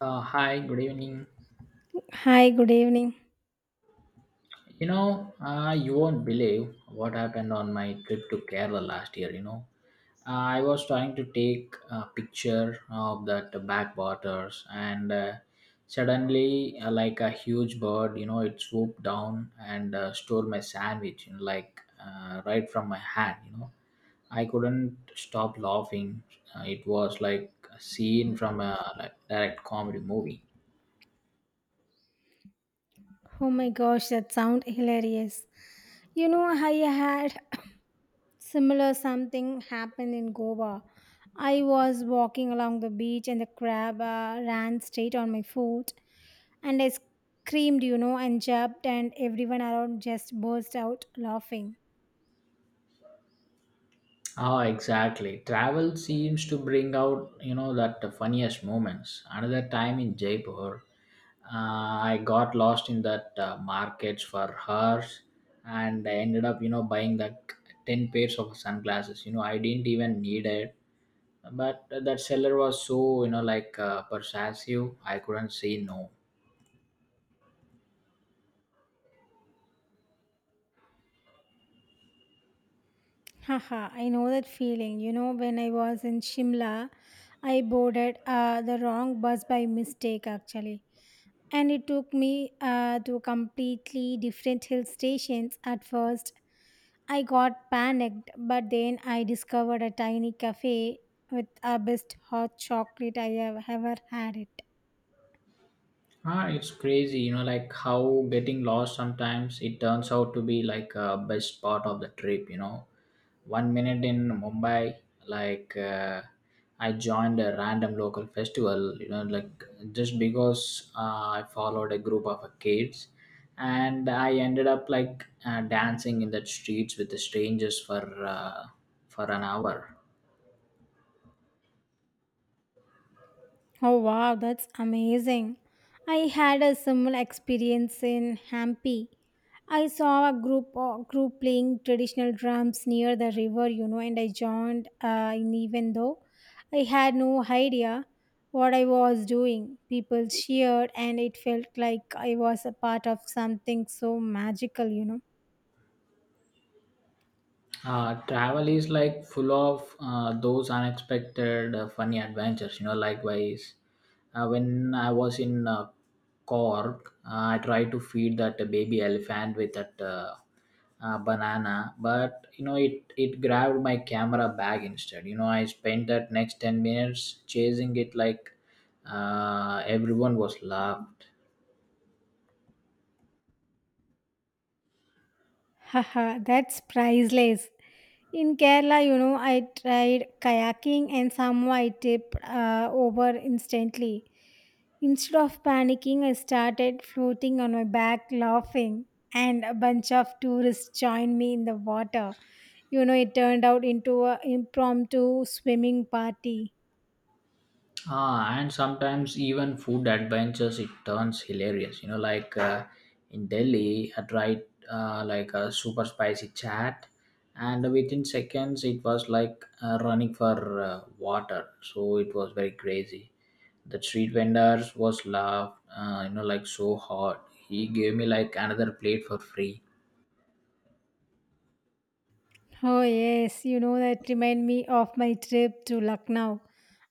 Hi, good evening. Hi, good evening. You won't believe what happened on my trip to Kerala last year. I was trying to take a picture of that backwaters, and suddenly, like a huge bird, you know, it swooped down and stole my sandwich, you know, like right from my hand. I couldn't stop laughing. It was like a scene from a direct comedy movie. Oh my gosh, that sound hilarious. You know, I had similar something happen in Goa. I was walking along the beach and the crab ran straight on my foot and I screamed, you know, and jumped and everyone around just burst out laughing. Ah, exactly. Travel seems to bring out, you know, that the funniest moments. Another time in Jaipur, I got lost in that markets for hours, and I ended up, you know, buying like ten pairs of sunglasses. You know, I didn't even need it, but that seller was so, you know, persuasive. I couldn't say no. Haha, I know that feeling. You know, when I was in Shimla, I boarded the wrong bus by mistake actually, and it took me to completely different hill stations at first. I got panicked but then I discovered a tiny cafe with the best hot chocolate I have ever had it. Ah, it's crazy, you know, like how getting lost sometimes it turns out to be like a best part of the trip, you know. One minute in Mumbai, like uh, I joined a random local festival, you know, like just because I followed a group of kids and I ended up dancing in the streets with the strangers for an hour. Oh wow, that's amazing. I had a similar experience in Hampi. I saw a group playing traditional drums near the river, you know, and I joined in, even though I had no idea what I was doing. People cheered and it felt like I was a part of something so magical, you know. Travel is like full of those unexpected funny adventures, you know. Likewise, when I was in Cork, I tried to feed that baby elephant with that banana, but you know it grabbed my camera bag instead. You know, I spent that next 10 minutes chasing it like everyone was laughed. Haha, that's priceless. In Kerala, you know, I tried kayaking and somehow I tipped over instantly. Instead of panicking, I started floating on my back, laughing, and a bunch of tourists joined me in the water. You know, it turned out into an impromptu swimming party. Ah, and sometimes even food adventures it turns hilarious. You know, in Delhi, I tried like a super spicy chat, and within seconds it was running for water. So it was very crazy. The street vendors was laughed, like so hard. He gave me like another plate for free. Oh, yes, you know, that remind me of my trip to Lucknow.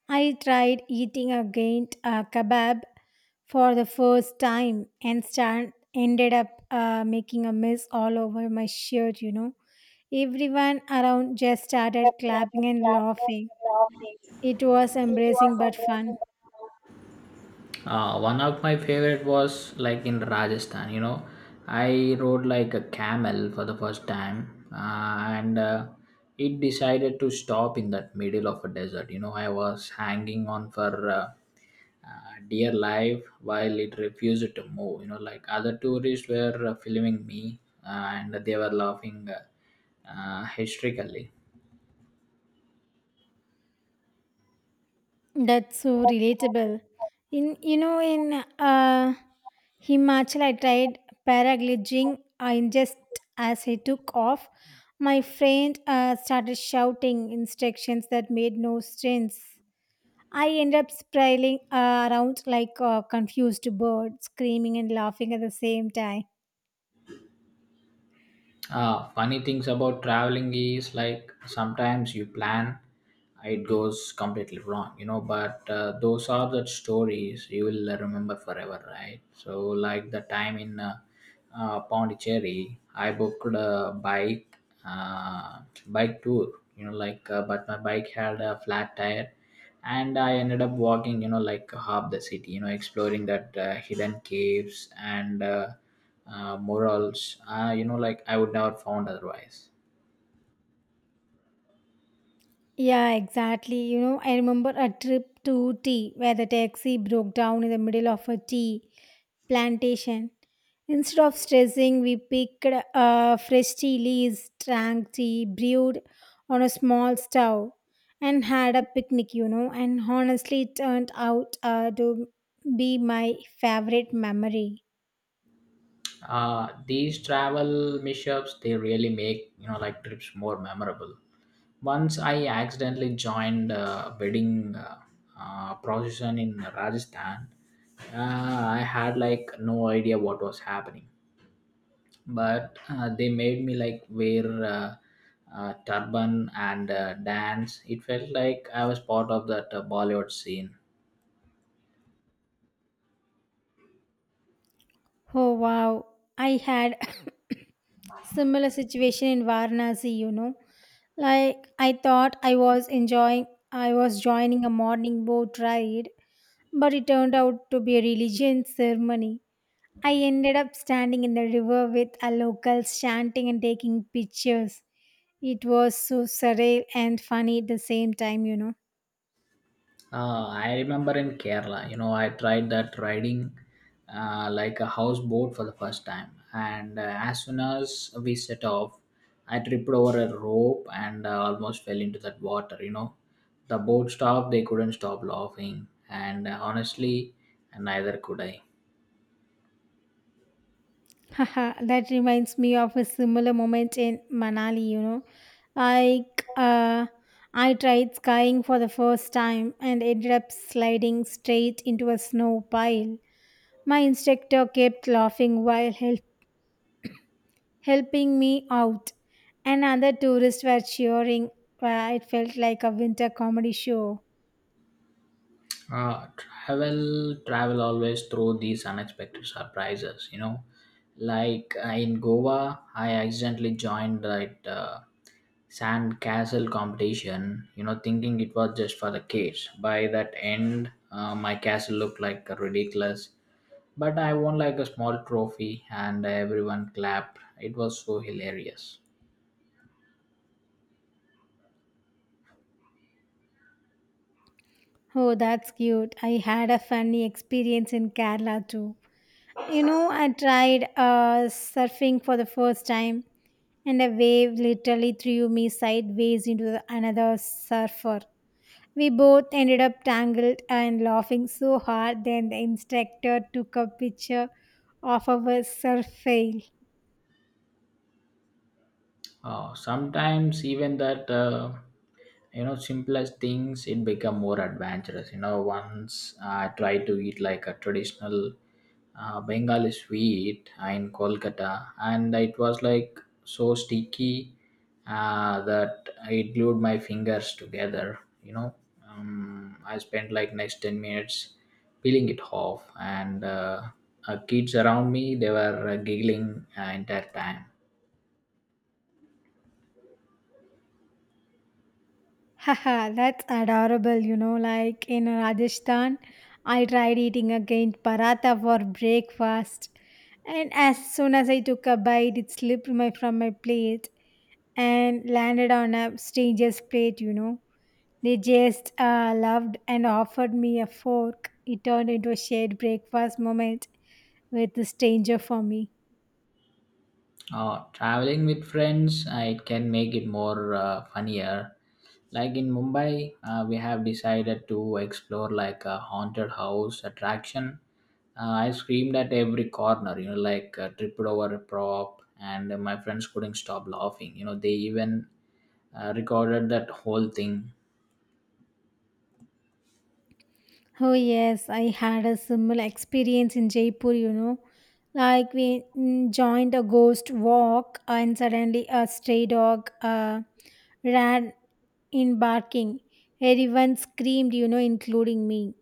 I tried eating a gaint kebab for the first time and ended up making a mess all over my shirt, you know. Everyone around just started clapping and laughing. It was embarrassing but fun. One of my favorite was like in Rajasthan. You know, I rode like a camel for the first time, and it decided to stop in that middle of a desert. You know, I was hanging on for dear life while it refused to move. You know, like other tourists were filming me, and they were laughing hysterically. That's so relatable. In you know in Himachal, I tried paragliding. I just, as I took off, my friend started shouting instructions that made no sense. I ended up spiraling around like a confused bird, screaming and laughing at the same time. Funny things about traveling is like sometimes you plan, it goes completely wrong, you know. But those are the stories you will remember forever, right? So, like the time in Pondicherry, I booked a bike uh, bike tour, you know, but my bike had a flat tire and I ended up walking, you know, like half the city, you know, exploring that hidden caves and murals you know, like I would never found otherwise. Yeah, exactly. You know, I remember a trip to tea where the taxi broke down in the middle of a tea plantation. Instead of stressing, we picked fresh tea leaves, drank tea brewed on a small stove, and had a picnic, you know. And honestly, it turned out to be my favorite memory. These travel mishaps, they really make, you know, like trips more memorable. Once I accidentally joined a wedding procession in Rajasthan. I had like no idea what was happening, but they made me like wear turban and dance. It felt like I was part of that Bollywood scene. Oh wow, I had similar situation in Varanasi, you know. Like, I thought I was joining a morning boat ride, but it turned out to be a religious ceremony. I ended up standing in the river with a locals chanting and taking pictures. It was so surreal and funny at the same time, you know. I remember in Kerala, you know, I tried that riding like a houseboat for the first time, and as soon as we set off I tripped over a rope and almost fell into that water. You know, the boat stopped, they couldn't stop laughing, and honestly neither could I. Haha, that reminds me of a similar moment in Manali, you know. I uh, I tried skiing for the first time and ended up sliding straight into a snow pile. My instructor kept laughing while helping me out, and other tourists were cheering. It felt like a winter comedy show. Travel always throw these unexpected surprises, you know. In Goa, I accidentally joined that sand castle competition, you know, thinking it was just for the kids. By that end, my castle looked like ridiculous, but I won like a small trophy and everyone clapped. It was so hilarious. Oh, that's cute. I had a funny experience in Kerala too. You know, I tried surfing for the first time, and a wave literally threw me sideways into the, another surfer. We both ended up tangled and laughing so hard, then the instructor took a picture of our surf fail. Sometimes even that you know simplest things it become more adventurous. You know, once I tried to eat like a traditional Bengali sweet in Kolkata, and it was like so sticky that it glued my fingers together. I spent like next 10 minutes peeling it off, and kids around me they were giggling entire time. Haha, that's adorable, you know. Like in Rajasthan, I tried eating again paratha for breakfast. And as soon as I took a bite, it slipped my from my plate and landed on a stranger's plate, you know. They just loved and offered me a fork. It turned into a shared breakfast moment with the stranger for me. Traveling with friends, it can make it more funnier. Like in Mumbai, we have decided to explore like a haunted house attraction. I screamed at every corner, you know, tripped over a prop, and my friends couldn't stop laughing. You know, they even recorded that whole thing. Oh, yes, I had a similar experience in Jaipur, you know. Like, we joined a ghost walk, and suddenly a stray dog ran in barking. Everyone screamed, you know, including me.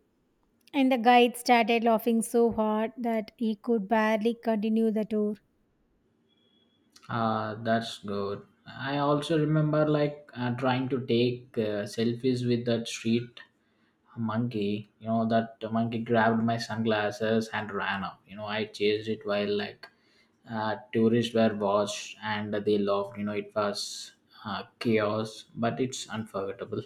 And the guide started laughing so hard that he could barely continue the tour. That's good. I also remember trying to take selfies with that street a monkey. You know, that monkey grabbed my sunglasses and ran off. You know, I chased it while tourists were watched and they laughed. You know, it was chaos, but it's unforgettable.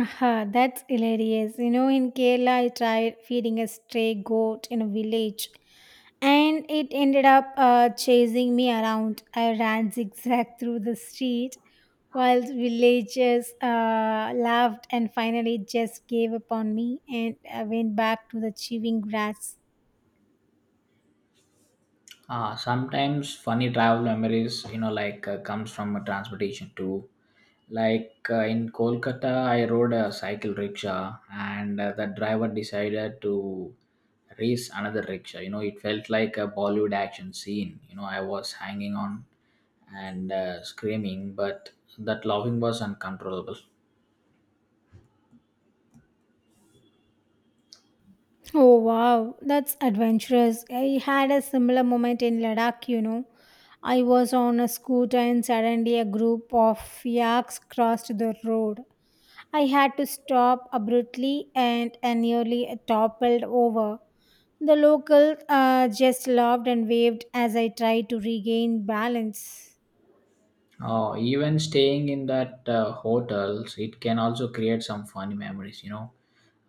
Aha, that's hilarious. You know, in Kerala, I tried feeding a stray goat in a village and it ended up chasing me around. I ran zigzag through the street while villagers laughed and finally just gave up on me and I went back to the chewing grass. Sometimes funny travel memories, you know, comes from a transportation too. Like in Kolkata, I rode a cycle rickshaw, and the driver decided to race another rickshaw. You know, it felt like a Bollywood action scene. You know, I was hanging on and screaming, but that laughing was uncontrollable. Oh wow, that's adventurous. I had a similar moment in Ladakh, you know. I was on a scooter and suddenly a group of yaks crossed the road. I had to stop abruptly and I nearly toppled over. The local just laughed and waved as I tried to regain balance. Oh, even staying in that hotels, it can also create some funny memories. You know,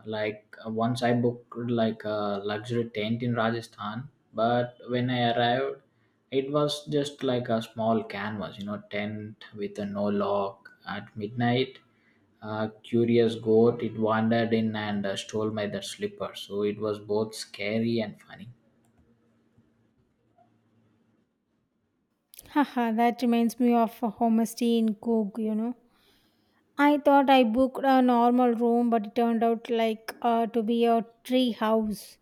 once I booked like a luxury tent in Rajasthan, but when I arrived it was just like a small canvas, you know, tent with a no lock. At midnight a curious goat, it wandered in and stole my that slipper. So it was both scary and funny. Haha, that reminds me of a homestay in Coog, you know. I thought I booked a normal room, but it turned out like to be a tree house.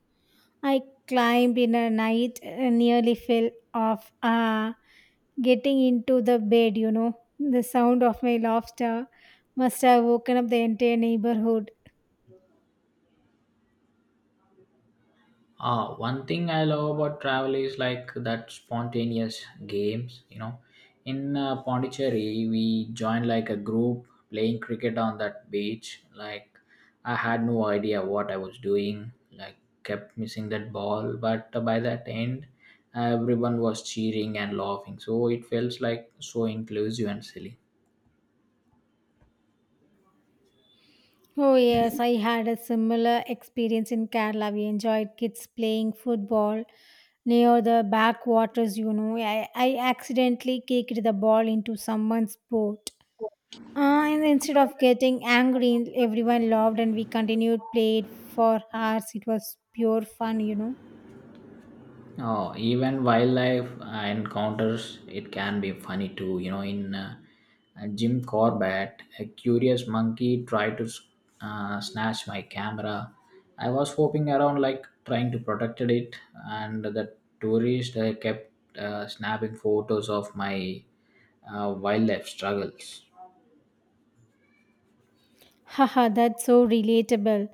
I climbed in a night and nearly fell off getting into the bed, you know. The sound of my laughter must have woken up the entire neighborhood. One thing I love about travel is like that spontaneous games, you know. In Pondicherry, we joined like a group playing cricket on that beach. Like, I had no idea what I was doing, like, kept missing that ball. But by that end, everyone was cheering and laughing. So it felt like so inclusive and silly. Oh, yes, I had a similar experience in Kerala. We enjoyed kids playing football near the backwaters, you know. I accidentally kicked the ball into someone's boat, Uh, and instead of getting angry, everyone laughed and we continued, played for hours. It was pure fun, you know. Oh, even wildlife encounters, it can be funny too. You know, in Jim Corbett, a curious monkey tried to snatch my camera. I was hopping around like trying to protect it, and the tourists they kept snapping photos of my wildlife struggles. Haha, that's so relatable.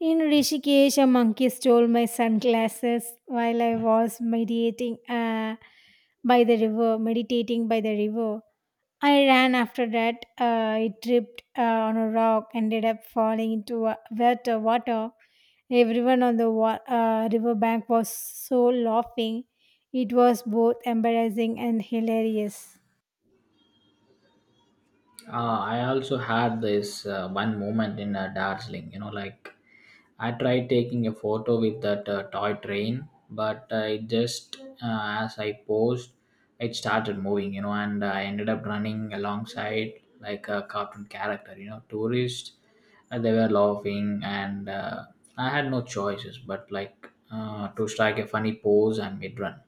In Rishikesh, a monkey stole my sunglasses while I was meditating by the river. I ran after that. I tripped on a rock, ended up falling into a wet water. Everyone on the riverbank was so laughing. It was both embarrassing and hilarious. I also had this one moment in Darjeeling, you know, like I tried taking a photo with that toy train, but as I posed, it started moving, you know, and I ended up running alongside like a cartoon character, you know, tourists. They were laughing, and I had no choices but to strike a funny pose and mid run.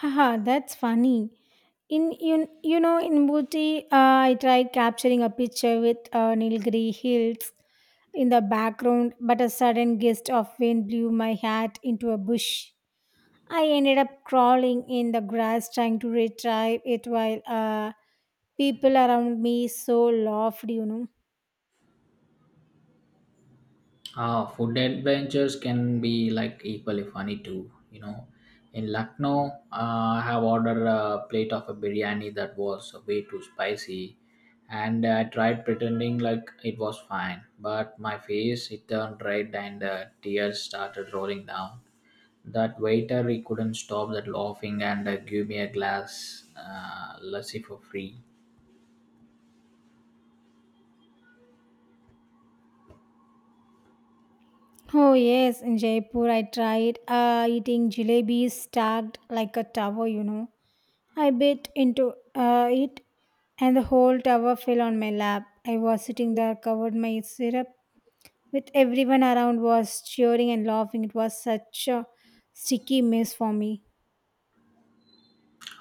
Haha, that's funny. In you, you know, in Booty, I tried capturing a picture with Nilgiri Hills in the background, but a sudden gust of wind blew my hat into a bush. I ended up crawling in the grass trying to retrieve it while people around me so laughed, you know. Ah, food adventures can be like equally funny too. You know, in Lucknow, I have ordered a plate of a biryani that was way too spicy, and I tried pretending like it was fine, but my face it turned red and tears started rolling down. That waiter, he couldn't stop that laughing and gave me a glass lassi for free. Oh yes, in Jaipur I tried eating jalebis stacked like a tower, you know. I bit into it and the whole tower fell on my lap. I was sitting there covered my syrup with everyone around was cheering and laughing. It was such a sticky mess for me.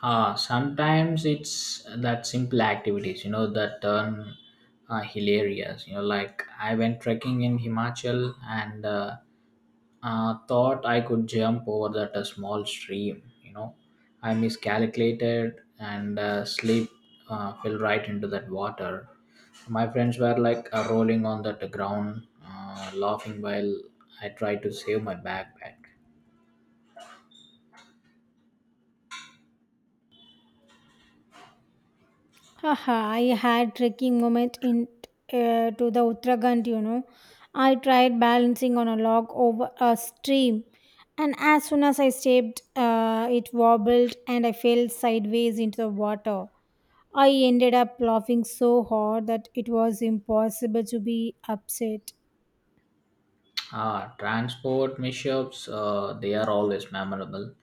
Sometimes it's that simple activities, you know, that turn hilarious. You know, like I went trekking in Himachal and thought I could jump over that a small stream. You know, I miscalculated and slip fell right into that water. My friends were rolling on that ground, laughing while I tried to save my backpack. Haha, I had trekking moment in to the Uttarakhand, you know. I tried balancing on a log over a stream, and as soon as I stepped, it wobbled and I fell sideways into the water. I ended up laughing so hard that it was impossible to be upset. Ah, transport mishaps, they are always memorable.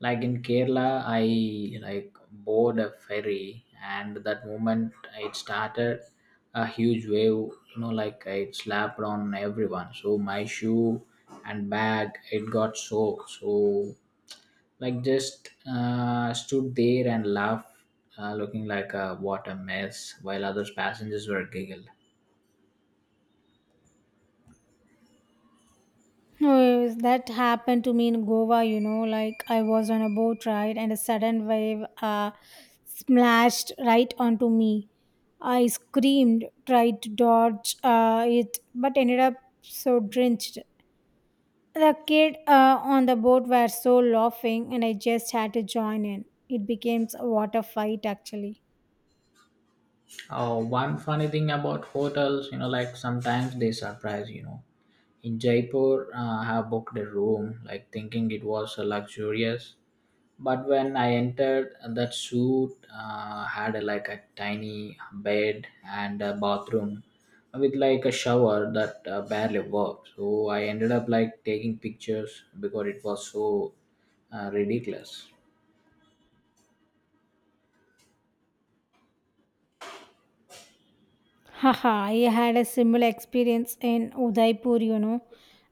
Like in Kerala, I like board a ferry, and that moment it started a huge wave. You know, like it slapped on everyone. So my shoe and bag, it got soaked. So like just stood there and laughed, looking like a what a mess, while others passengers were giggled. No, that happened to me in Goa, you know, like I was on a boat ride and a sudden wave splashed right onto me. I screamed, tried to dodge it, but ended up so drenched. The kid on the boat were so laughing, and I just had to join in. It became a water fight, actually. One funny thing about hotels, you know, like sometimes they surprise, you know. In Jaipur, I have booked a room, like thinking it was luxurious. But when I entered, that suite had like a tiny bed and a bathroom with like a shower that barely worked. So I ended up like taking pictures because it was so ridiculous. Haha, I had a similar experience in Udaipur, you know.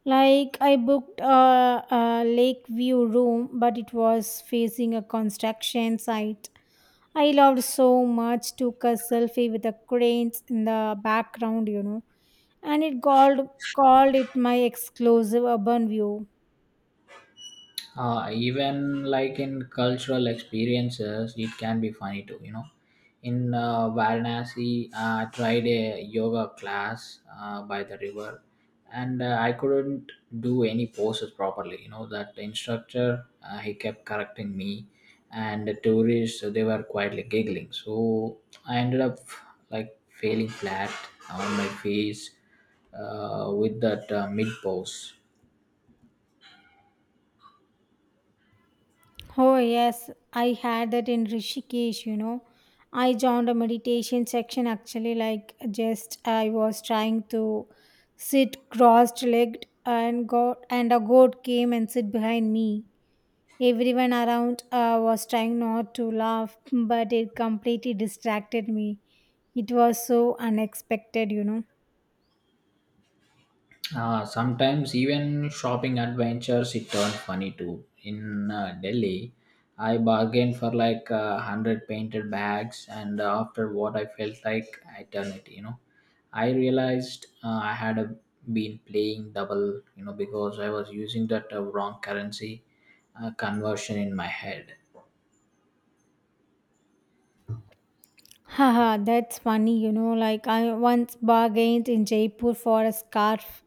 Like, I booked a lake view room, but it was facing a construction site. I loved so much, took a selfie with the cranes in the background, you know, and it called it my exclusive urban view. Even like in cultural experiences, it can be funny too. You know, in Varanasi, I tried a yoga class by the river, and I couldn't do any poses properly. You know, that instructor, he kept correcting me, and the tourists they were quietly giggling. So I ended up like failing flat on my face with that mid pose. Oh, yes, I had that in Rishikesh, you know. I joined a meditation section actually, like just I was trying to sit crossed legged and got and a goat came and sit behind me. Everyone around was trying not to laugh, but it completely distracted me. It was so unexpected, you know. Sometimes even shopping adventures it turned funny too. In Delhi, I bargained for hundred painted bags, and after what I felt like eternity, you know, I realized I had been playing double, you know, because I was using that wrong currency conversion in my head. Haha, that's funny, you know. Like I once bargained in Jaipur for a scarf.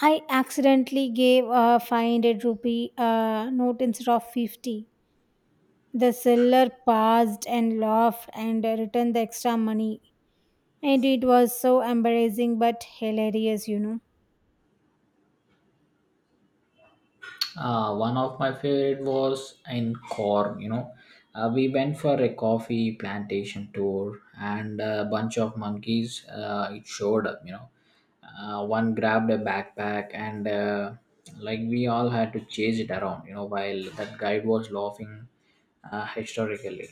I accidentally gave a 500 rupee note instead of 50. The seller paused and laughed and returned the extra money. And it was so embarrassing but hilarious, you know. One of my favorite was in Cork, you know. We went for a coffee plantation tour and a bunch of monkeys it showed up, you know. One grabbed a backpack and like we all had to chase it around, you know, while that guide was laughing historically.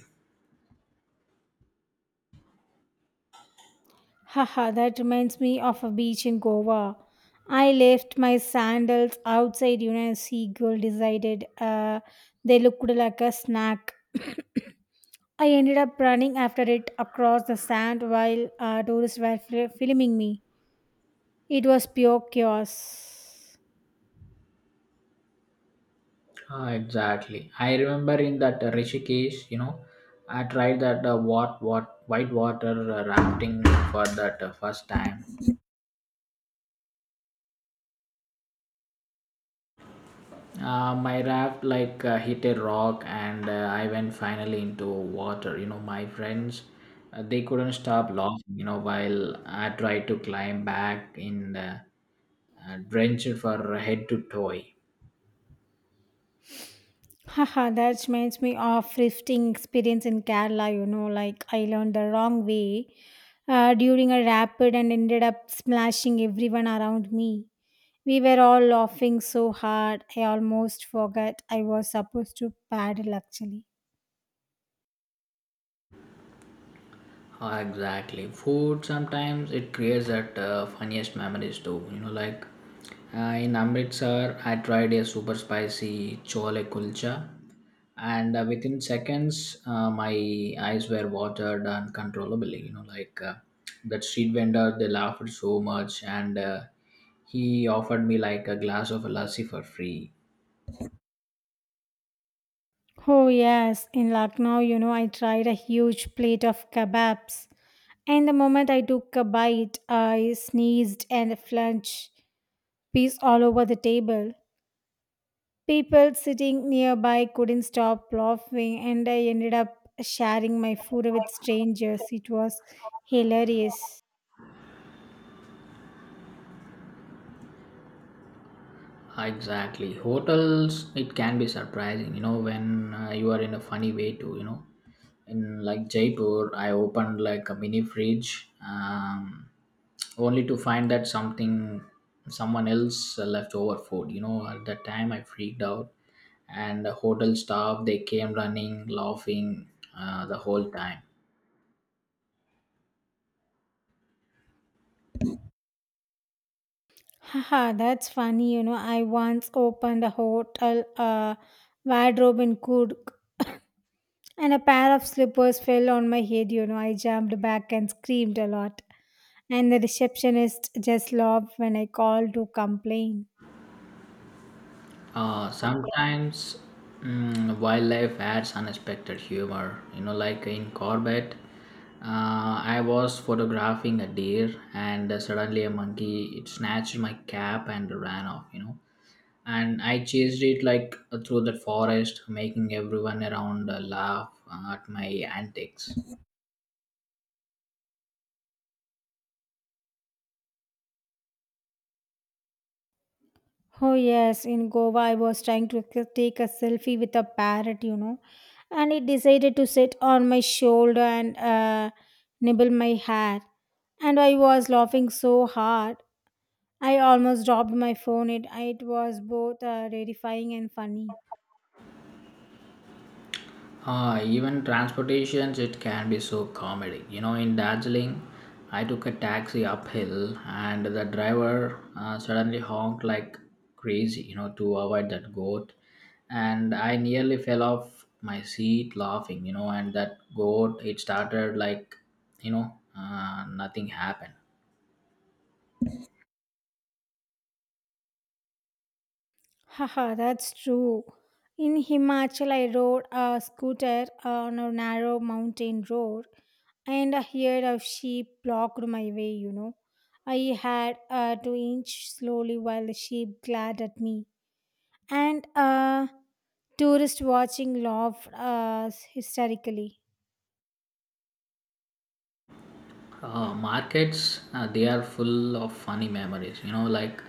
Haha, that reminds me of a beach in Goa. I left my sandals outside, you know, a seagull decided they looked like a snack. I ended up running after it across the sand while tourists were filming me. It was pure chaos. Ah, exactly. I remember in that Rishikesh, you know, I tried that what white water rafting for that first time. My raft like hit a rock and I went finally into water. You know, my friends, they couldn't stop laughing. You know, while I tried to climb back in the drenched for head to toe. Haha, that reminds me of thrifting experience in Kerala, you know, like I learned the wrong way during a rapid and ended up splashing everyone around me. We were all laughing so hard, I almost forgot I was supposed to paddle actually. Ah, exactly. Food sometimes it creates that funniest memories too. You know, like in Amritsar, I tried a super spicy chole kulcha, and within seconds, my eyes were watered uncontrollably. You know, like that street vendor, they laughed so much, and he offered me like a glass of lassi for free. Oh, yes, in Lucknow, you know, I tried a huge plate of kebabs. And the moment I took a bite, I sneezed and a flunched piece all over the table. People sitting nearby couldn't stop laughing, and I ended up sharing my food with strangers. It was hilarious. Exactly. Hotels, it can be surprising, you know, when you are in a funny way too, you know. In like Jaipur, I opened like a mini fridge, only to find that something, someone else left over food. You know, at that time I freaked out, and the hotel staff they came running, laughing the whole time. Haha, that's funny. You know, I once opened a hotel wardrobe in Kurk, and a pair of slippers fell on my head. You know, I jumped back and screamed a lot. And the receptionist just laughed when I called to complain. Sometimes wildlife adds unexpected humor. You know, like in Corbett, I was photographing a deer, and suddenly a monkey it snatched my cap and ran off. You know, and I chased it like through the forest, making everyone around laugh at my antics. Oh yes, in Goa I was trying to take a selfie with a parrot, you know, and it decided to sit on my shoulder and nibble my hair, and I was laughing so hard I almost dropped my phone. It was both terrifying and funny. Ah, even transportations, it can be so comedy. You know, in Darjeeling, I took a taxi uphill, and the driver suddenly honked like crazy. You know, to avoid that goat, and I nearly fell off my seat laughing. You know, and that goat, it started like, you know, nothing happened. Haha, that's true. In Himachal, I rode a scooter on a narrow mountain road and a herd of sheep blocked my way, you know. I had to inch slowly while the sheep glared at me. And a tourist watching laughed hysterically. Markets they are full of funny memories, you know, like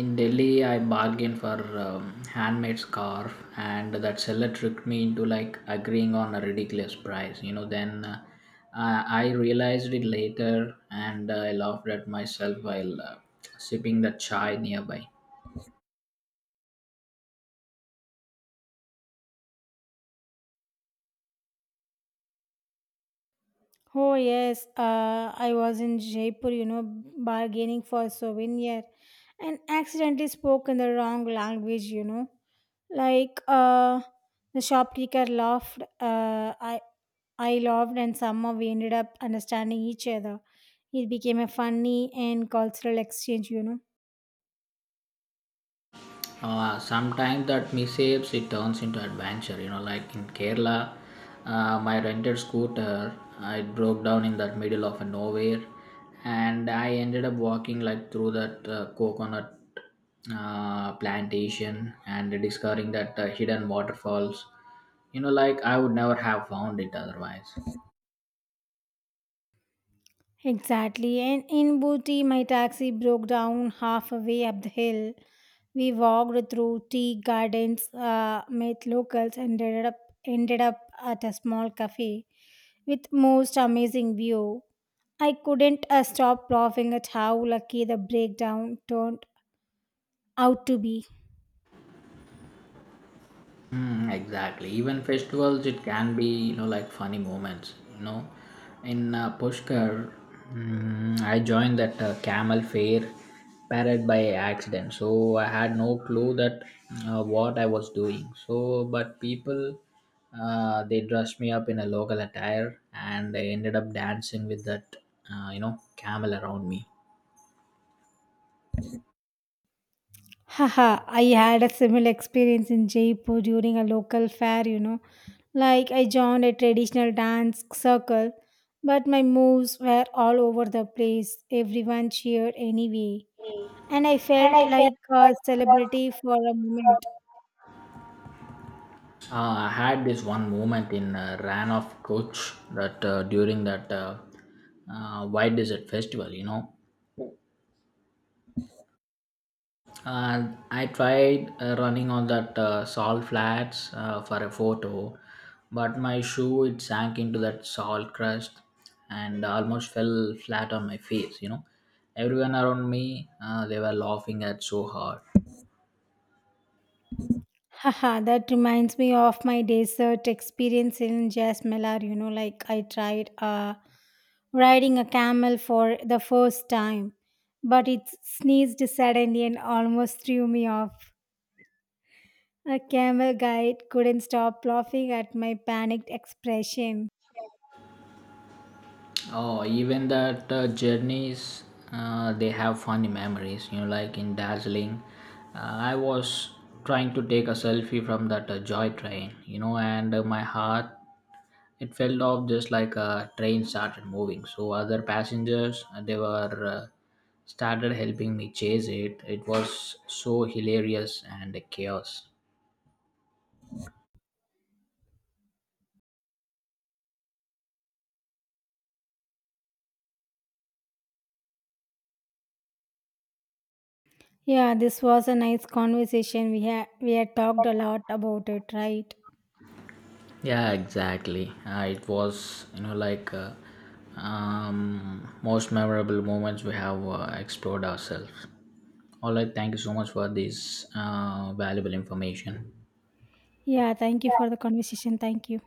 in Delhi I bargained for handmade scarf and that seller tricked me into like agreeing on a ridiculous price, you know. Then I realized it later and I laughed at myself while sipping the chai nearby. Oh yes, I was in Jaipur, you know, bargaining for a souvenir, and accidentally spoke in the wrong language, you know. Like uh, the shopkeeper laughed, I laughed, and somehow we ended up understanding each other. It became a funny and cultural exchange, you know. Sometimes that mishaps it turns into adventure, you know, like in Kerala, my rented scooter it broke down in the middle of nowhere, and I ended up walking like through that coconut plantation and discovering that hidden waterfalls, you know, like I would never have found it otherwise. Exactly. And in Booty, my taxi broke down halfway up the hill. We walked through tea gardens, met locals, and ended up at a small cafe with most amazing view. I couldn't stop laughing at how lucky the breakdown turned out to be. Mm, exactly. Even festivals, it can be, you know, like funny moments. You know, in Pushkar, I joined that camel fair parade by accident. So I had no clue that what I was doing. So, but people, they dressed me up in a local attire, and I ended up dancing with that you know camel around me. Haha, I had a similar experience in Jaipur during a local fair, you know. Like I joined a traditional dance circle, but my moves were all over the place. Everyone cheered anyway. And I felt like a celebrity for a moment. I had this one moment in Ran of Coach that during that White Desert Festival, you know. And I tried running on that salt flats for a photo, but my shoe it sank into that salt crust and almost fell flat on my face, you know. Everyone around me they were laughing at so hard. Haha, that reminds me of my desert experience in Jasmelar. You know, like I tried riding a camel for the first time, but it sneezed suddenly and almost threw me off. A camel guide couldn't stop laughing at my panicked expression. Oh, even that journeys, they have funny memories. You know, like in Dazzling, I was trying to take a selfie from that joy train. You know, and my heart it fell off just like a train started moving. So other passengers they were uh, started helping me chase it. It was so hilarious and chaos. Yeah, this was a nice conversation. We had talked a lot about it, right? Yeah, exactly. It was, you know, like most memorable moments we have explored ourselves. All right, thank you so much for this valuable information. Yeah, thank you for the conversation. Thank you.